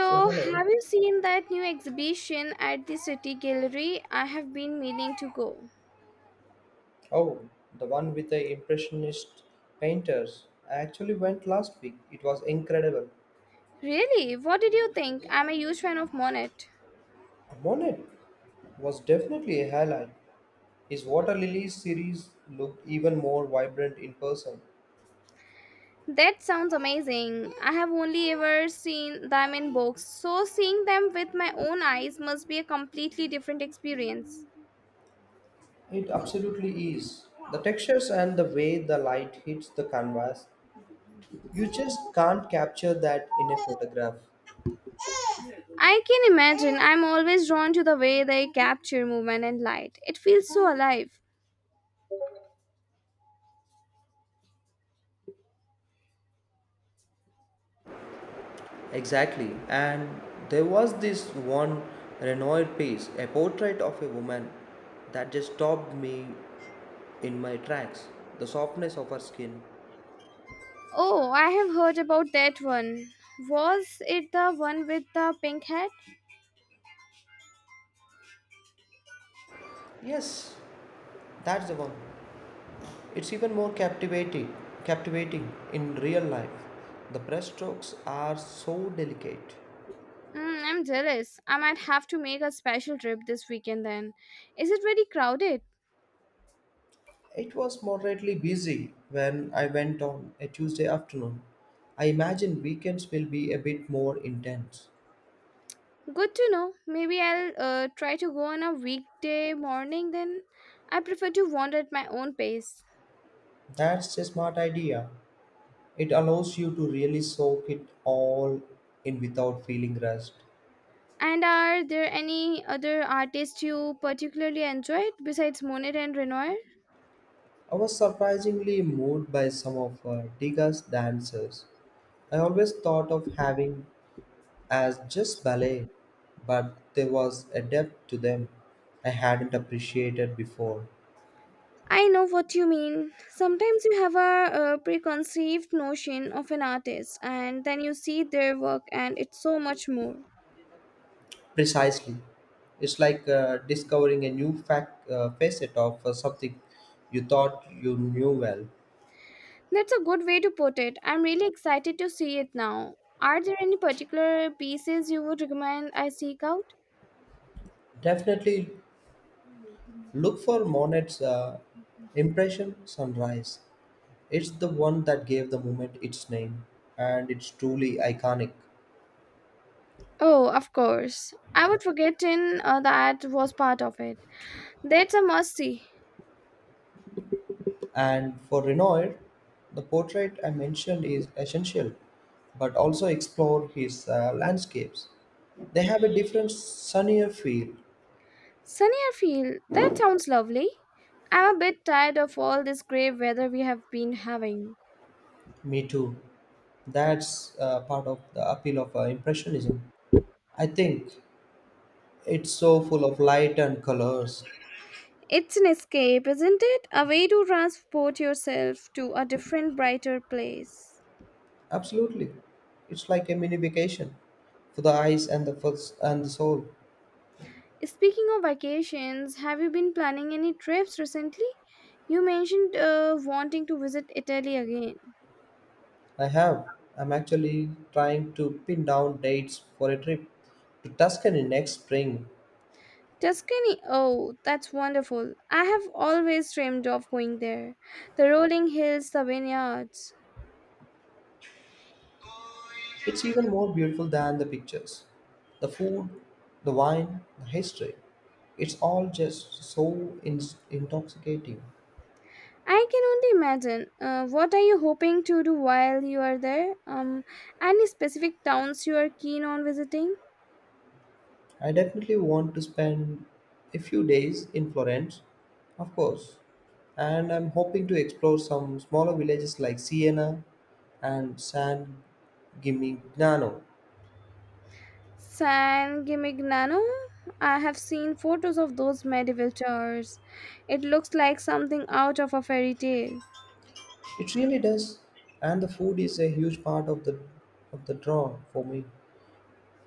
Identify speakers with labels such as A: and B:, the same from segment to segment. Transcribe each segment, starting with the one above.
A: So hello.
B: have you seen that new exhibition at the City Gallery? I have been meaning to go.
A: Oh, the one with the impressionist painters. I actually went last week. It was incredible.
B: Really? What did you think? I'm a huge fan of Monet.
A: Monet was definitely a highlight. His Water Lilies series looked even more vibrant in person.
B: That sounds amazing. I have only ever seen them in books, so seeing them with my own eyes must be a completely different experience.
A: It absolutely is. The textures and the way the light hits the canvas, you just can't capture that in a photograph.
B: I can imagine. I'm always drawn to the way they capture movement and light. It feels so alive.
A: Exactly. And there was this one Renoir piece, a portrait of a woman, that just stopped me in my tracks, the softness of her skin.
B: Oh, I have heard about that one. Was it the one with the pink hat?
A: Yes, that's the one. It's even more captivating in real life. The brushstrokes are so delicate.
B: Mm, I'm jealous. I might have to make a special trip this weekend then. Is it very crowded?
A: It was moderately busy when I went on a Tuesday afternoon. I imagine weekends will be a bit more intense.
B: Good to know. Maybe I'll try to go on a weekday morning then. I prefer to wander at my own pace.
A: That's a smart idea. It allows you to really soak it all in without feeling rushed.
B: And are there any other artists you particularly enjoyed besides Monet and Renoir?
A: I was surprisingly moved by some of Degas' dances. I always thought of having as just ballet, but there was a depth to them I hadn't appreciated before.
B: I know what you mean. Sometimes you have a preconceived notion of an artist and then you see their work and it's so much more.
A: Precisely. It's like discovering a new facet of something you thought you knew well.
B: That's a good way to put it. I'm really excited to see it now. Are there any particular pieces you would recommend I seek out?
A: Definitely look for Monet's Impression Sunrise. It's the one that gave the movement its name, and it's truly iconic.
B: Oh, of course. I would forgotten that was part of it. That's a must see.
A: And for Renoir, the portrait I mentioned is essential, but also explore his landscapes. They have a different, sunnier feel.
B: Sunny Airfield, that sounds lovely. I'm a bit tired of all this grey weather we have been having.
A: Me too. That's part of the appeal of Impressionism. I think it's so full of light and colors.
B: It's an escape, isn't it? A way to transport yourself to a different, brighter place.
A: Absolutely. It's like a mini vacation for the eyes and the first and the soul.
B: Speaking of vacations, have you been planning any trips recently? You mentioned wanting to visit Italy again.
A: I have. I'm actually trying to pin down dates for a trip to Tuscany next spring.
B: Tuscany, oh, that's wonderful. I have always dreamed of going there. The rolling hills, the vineyards.
A: It's even more beautiful than the pictures. The food, the wine, the history. It's all just so intoxicating.
B: I can only imagine. What are you hoping to do while you are there? Any specific towns you are keen on visiting?
A: I definitely want to spend a few days in Florence, of course. And I'm hoping to explore some smaller villages like Siena and San Gimignano.
B: San Gimignano? I have seen photos of those medieval towers. It looks like something out of a fairy tale.
A: It really does, and the food is a huge part of the draw for me.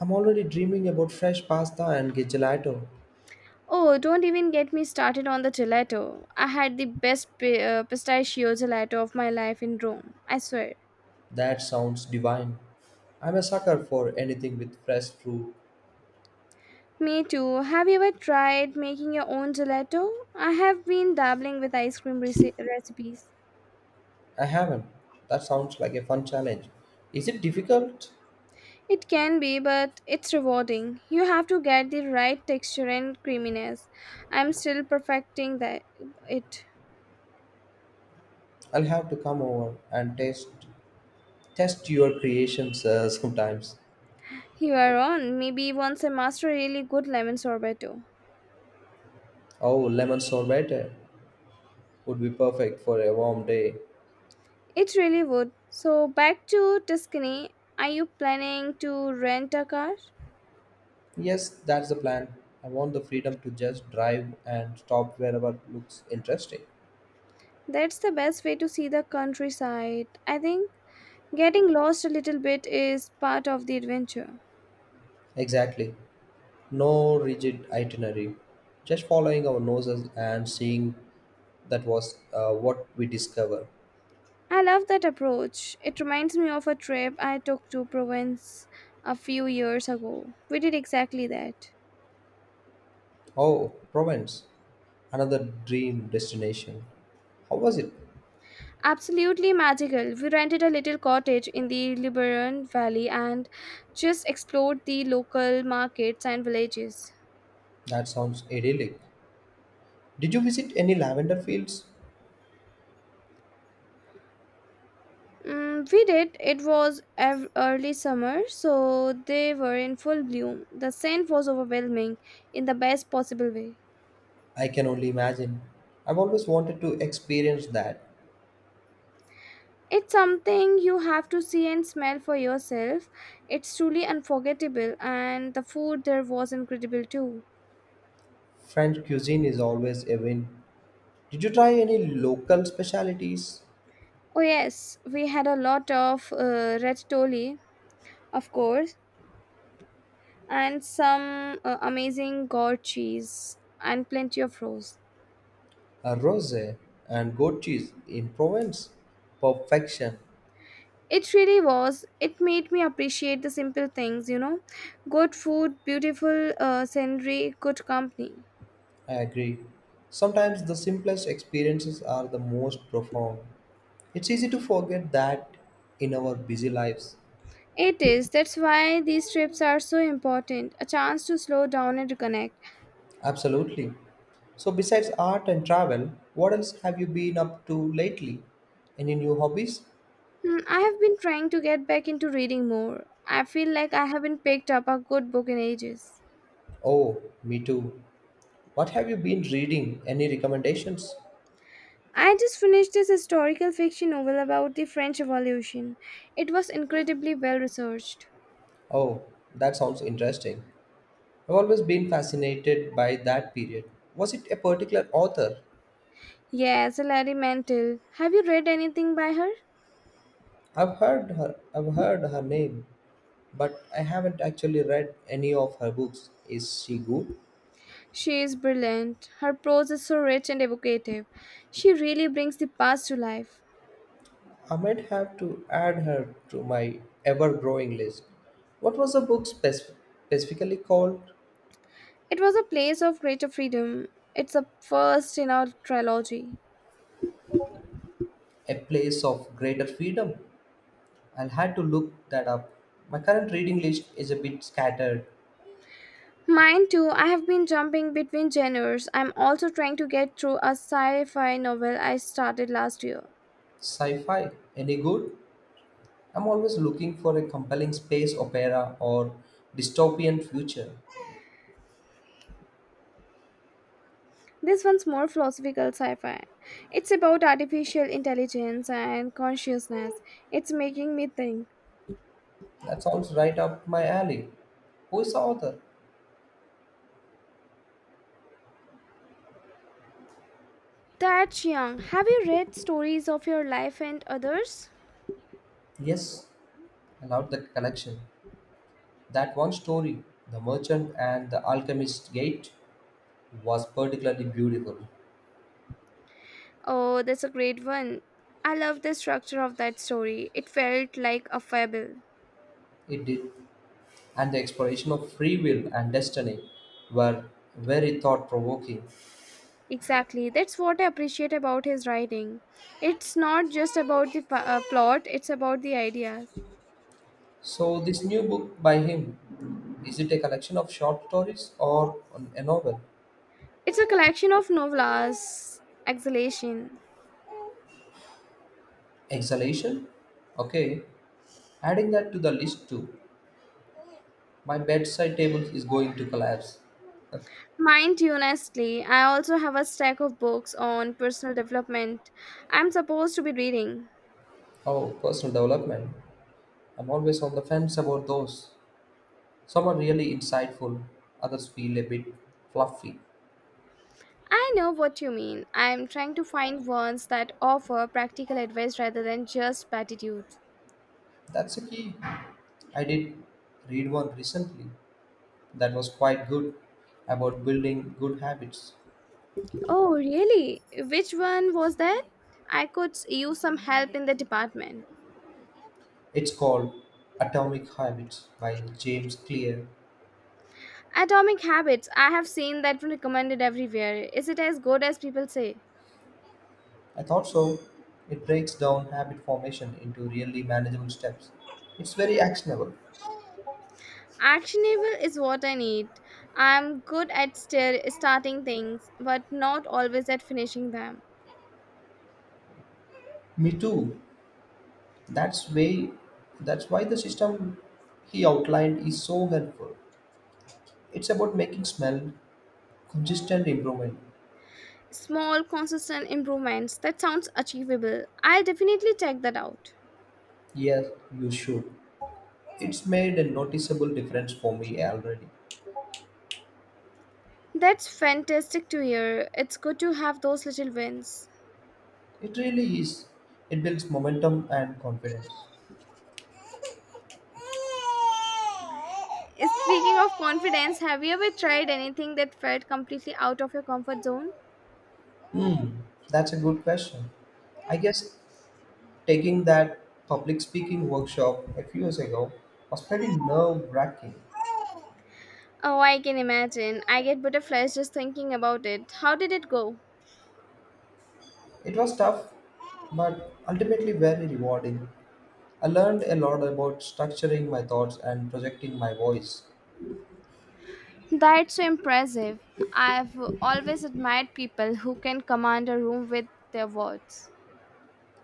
A: I'm already dreaming about fresh pasta and gelato.
B: Oh, don't even get me started on the gelato. I had the best pistachio gelato of my life in Rome, I swear.
A: That sounds divine. I'm a sucker for anything with fresh fruit.
B: Me too. Have you ever tried making your own gelato? I have been dabbling with ice cream recipes.
A: I haven't. That sounds like a fun challenge. Is it difficult?
B: It can be, but it's rewarding. You have to get the right texture and creaminess. I'm still perfecting that it.
A: I'll have to come over and taste test your creations sometimes.
B: You are on. Maybe once I master a really good lemon sorbet too.
A: Oh, lemon sorbet would be perfect for a warm day.
B: It really would. So back to Tuscany. Are you planning to rent a car?
A: Yes, that's the plan. I want the freedom to just drive and stop wherever looks interesting.
B: That's the best way to see the countryside. I think getting lost a little bit is part of the adventure.
A: Exactly. No rigid itinerary. Just following our noses and seeing. That was what we discovered.
B: I love that approach. It reminds me of a trip I took to Provence a few years ago. We did exactly that.
A: Oh, Provence, another dream destination. How was it?
B: Absolutely magical. We rented a little cottage in the Luberon Valley and just explored the local markets and villages.
A: That sounds idyllic. Did you visit any lavender fields?
B: Mm, we did. It was early summer, so they were in full bloom. The scent was overwhelming in the best possible way.
A: I can only imagine. I've always wanted to experience that.
B: It's something you have to see and smell for yourself. It's truly unforgettable, and the food there was incredible too.
A: French cuisine is always a win. Did you try any local specialities?
B: Oh, yes, we had a lot of red toli, of course, and some amazing gourd cheese and plenty of rose.
A: A rosé and goat cheese in Provence? Perfection.
B: It really was. It made me appreciate the simple things. Good food, beautiful scenery, good company.
A: I agree. Sometimes the simplest experiences are the most profound. It's easy to forget that in our busy lives.
B: It is. That's why these trips are so important. A chance to slow down and reconnect.
A: Absolutely. So, besides art and travel, what else have you been up to lately? Any new hobbies?
B: Hmm, I have been trying to get back into reading more. I feel like I haven't picked up a good book in ages.
A: Oh, me too. What have you been reading? Any recommendations?
B: I just finished this historical fiction novel about the French Revolution. It was incredibly well researched.
A: Oh, that sounds interesting. I've always been fascinated by that period. Was it a particular author?
B: Yes, Hilary Mantel. Have you read anything by her?
A: I've heard her name, but I haven't actually read any of her books. Is she good?
B: She is brilliant. Her prose is so rich and evocative. She really brings the past to life.
A: I might have to add her to my ever growing list. What was the book specifically called?
B: It was a place of greater freedom. It's a first in our trilogy.
A: A Place of Greater Freedom. I'll have to look that up. My current reading list is a bit scattered.
B: Mine too. I have been jumping between genres. I'm also trying to get through a sci fi novel I started last year.
A: Sci fi, any good? I'm always looking for a compelling space opera or dystopian future.
B: This one's more philosophical sci fi. It's about artificial intelligence and consciousness. It's making me think.
A: That sounds right up my alley. Who is the author?
B: That's young. Have you read Stories of Your Life and Others?
A: Yes, I loved the collection. That one story, The Merchant and the Alchemist's Gate, was particularly beautiful.
B: Oh, that's a great one. I love the structure of that story. It felt like a fable.
A: It did, and the exploration of free will and destiny were very thought provoking.
B: Exactly. That's what I appreciate about his writing. It's not just about the plot, it's about the ideas.
A: So, this new book by him, is it a collection of short stories or a novel?
B: It's a collection of novellas, exhalation.
A: Exhalation? Okay, adding that to the list too. My bedside table is going to collapse.
B: Mind you, honestly, I also have a stack of books on personal development I'm supposed to be reading.
A: Oh, personal development. I'm always on the fence about those. Some are really insightful, others feel a bit fluffy.
B: I know what you mean. I'm trying to find ones that offer practical advice rather than just platitudes.
A: That's a key. I did read one recently that was quite good about building good habits.
B: Oh, really? Which one was that? I could use some help in the department.
A: It's called Atomic Habits by James Clear.
B: Atomic Habits, I have seen that recommended everywhere. Is it as good as people say?
A: I thought so. It breaks down habit formation into really manageable steps. It's very actionable.
B: Actionable is what I need. I'm good at starting things, but not always at finishing them.
A: Me too. That's way that's why the system he outlined is so helpful. It's about making smell consistent improvement.
B: Small, consistent improvements. That sounds achievable. I'll definitely check that out.
A: Yes, you should. It's made a noticeable difference for me already.
B: That's fantastic to hear. It's good to have those little wins.
A: It really is. It builds momentum and confidence.
B: Speaking of confidence, have you ever tried anything that felt completely out of your comfort zone?
A: Hmm, that's a good question. I guess taking that public speaking workshop a few years ago was pretty nerve wracking.
B: Oh, I can imagine. I get butterflies just thinking about it. How did it go?
A: It was tough, but ultimately very rewarding. I learned a lot about structuring my thoughts and projecting my voice.
B: That's so impressive. I've always admired people who can command a room with their words.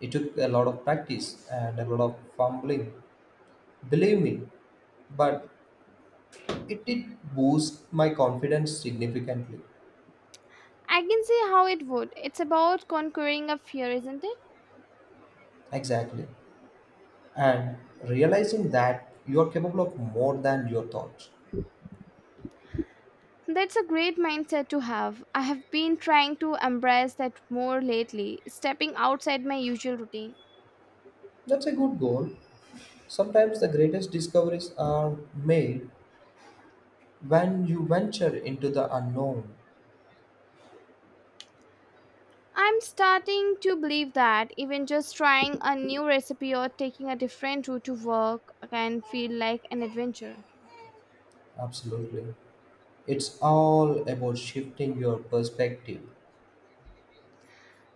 A: It took a lot of practice and a lot of fumbling, believe me, but it did boost my confidence significantly.
B: I can see how it would. It's about conquering a fear, isn't it?
A: Exactly, and realizing that you are capable of more than your thoughts.
B: That's a great mindset to have. I have been trying to embrace that more lately, stepping outside my usual routine.
A: That's a good goal. Sometimes the greatest discoveries are made when you venture into the unknown.
B: I'm starting to believe that even just trying a new recipe or taking a different route to work can feel like an adventure.
A: Absolutely. It's all about shifting your perspective.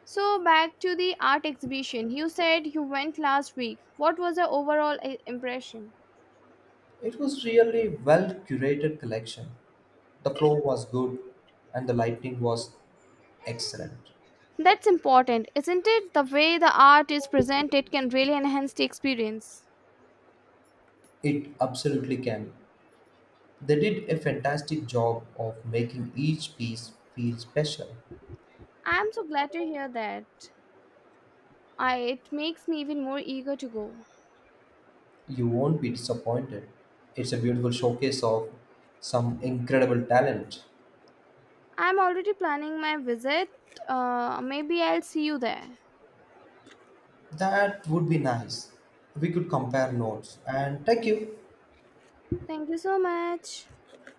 B: So, back to the art exhibition. You said you went last week. What was your overall impression?
A: It was really well curated collection. The flow was good and the lighting was excellent.
B: That's important, isn't it? The way the art is presented can really enhance the experience.
A: It absolutely can. They did a fantastic job of making each piece feel special.
B: I'm so glad to hear that. I, it makes me even more eager to go.
A: You won't be disappointed. It's a beautiful showcase of some incredible talent.
B: I'm already planning my visit. Maybe I'll see you there.
A: That would be nice. We could compare notes. And thank you.
B: Thank you so much.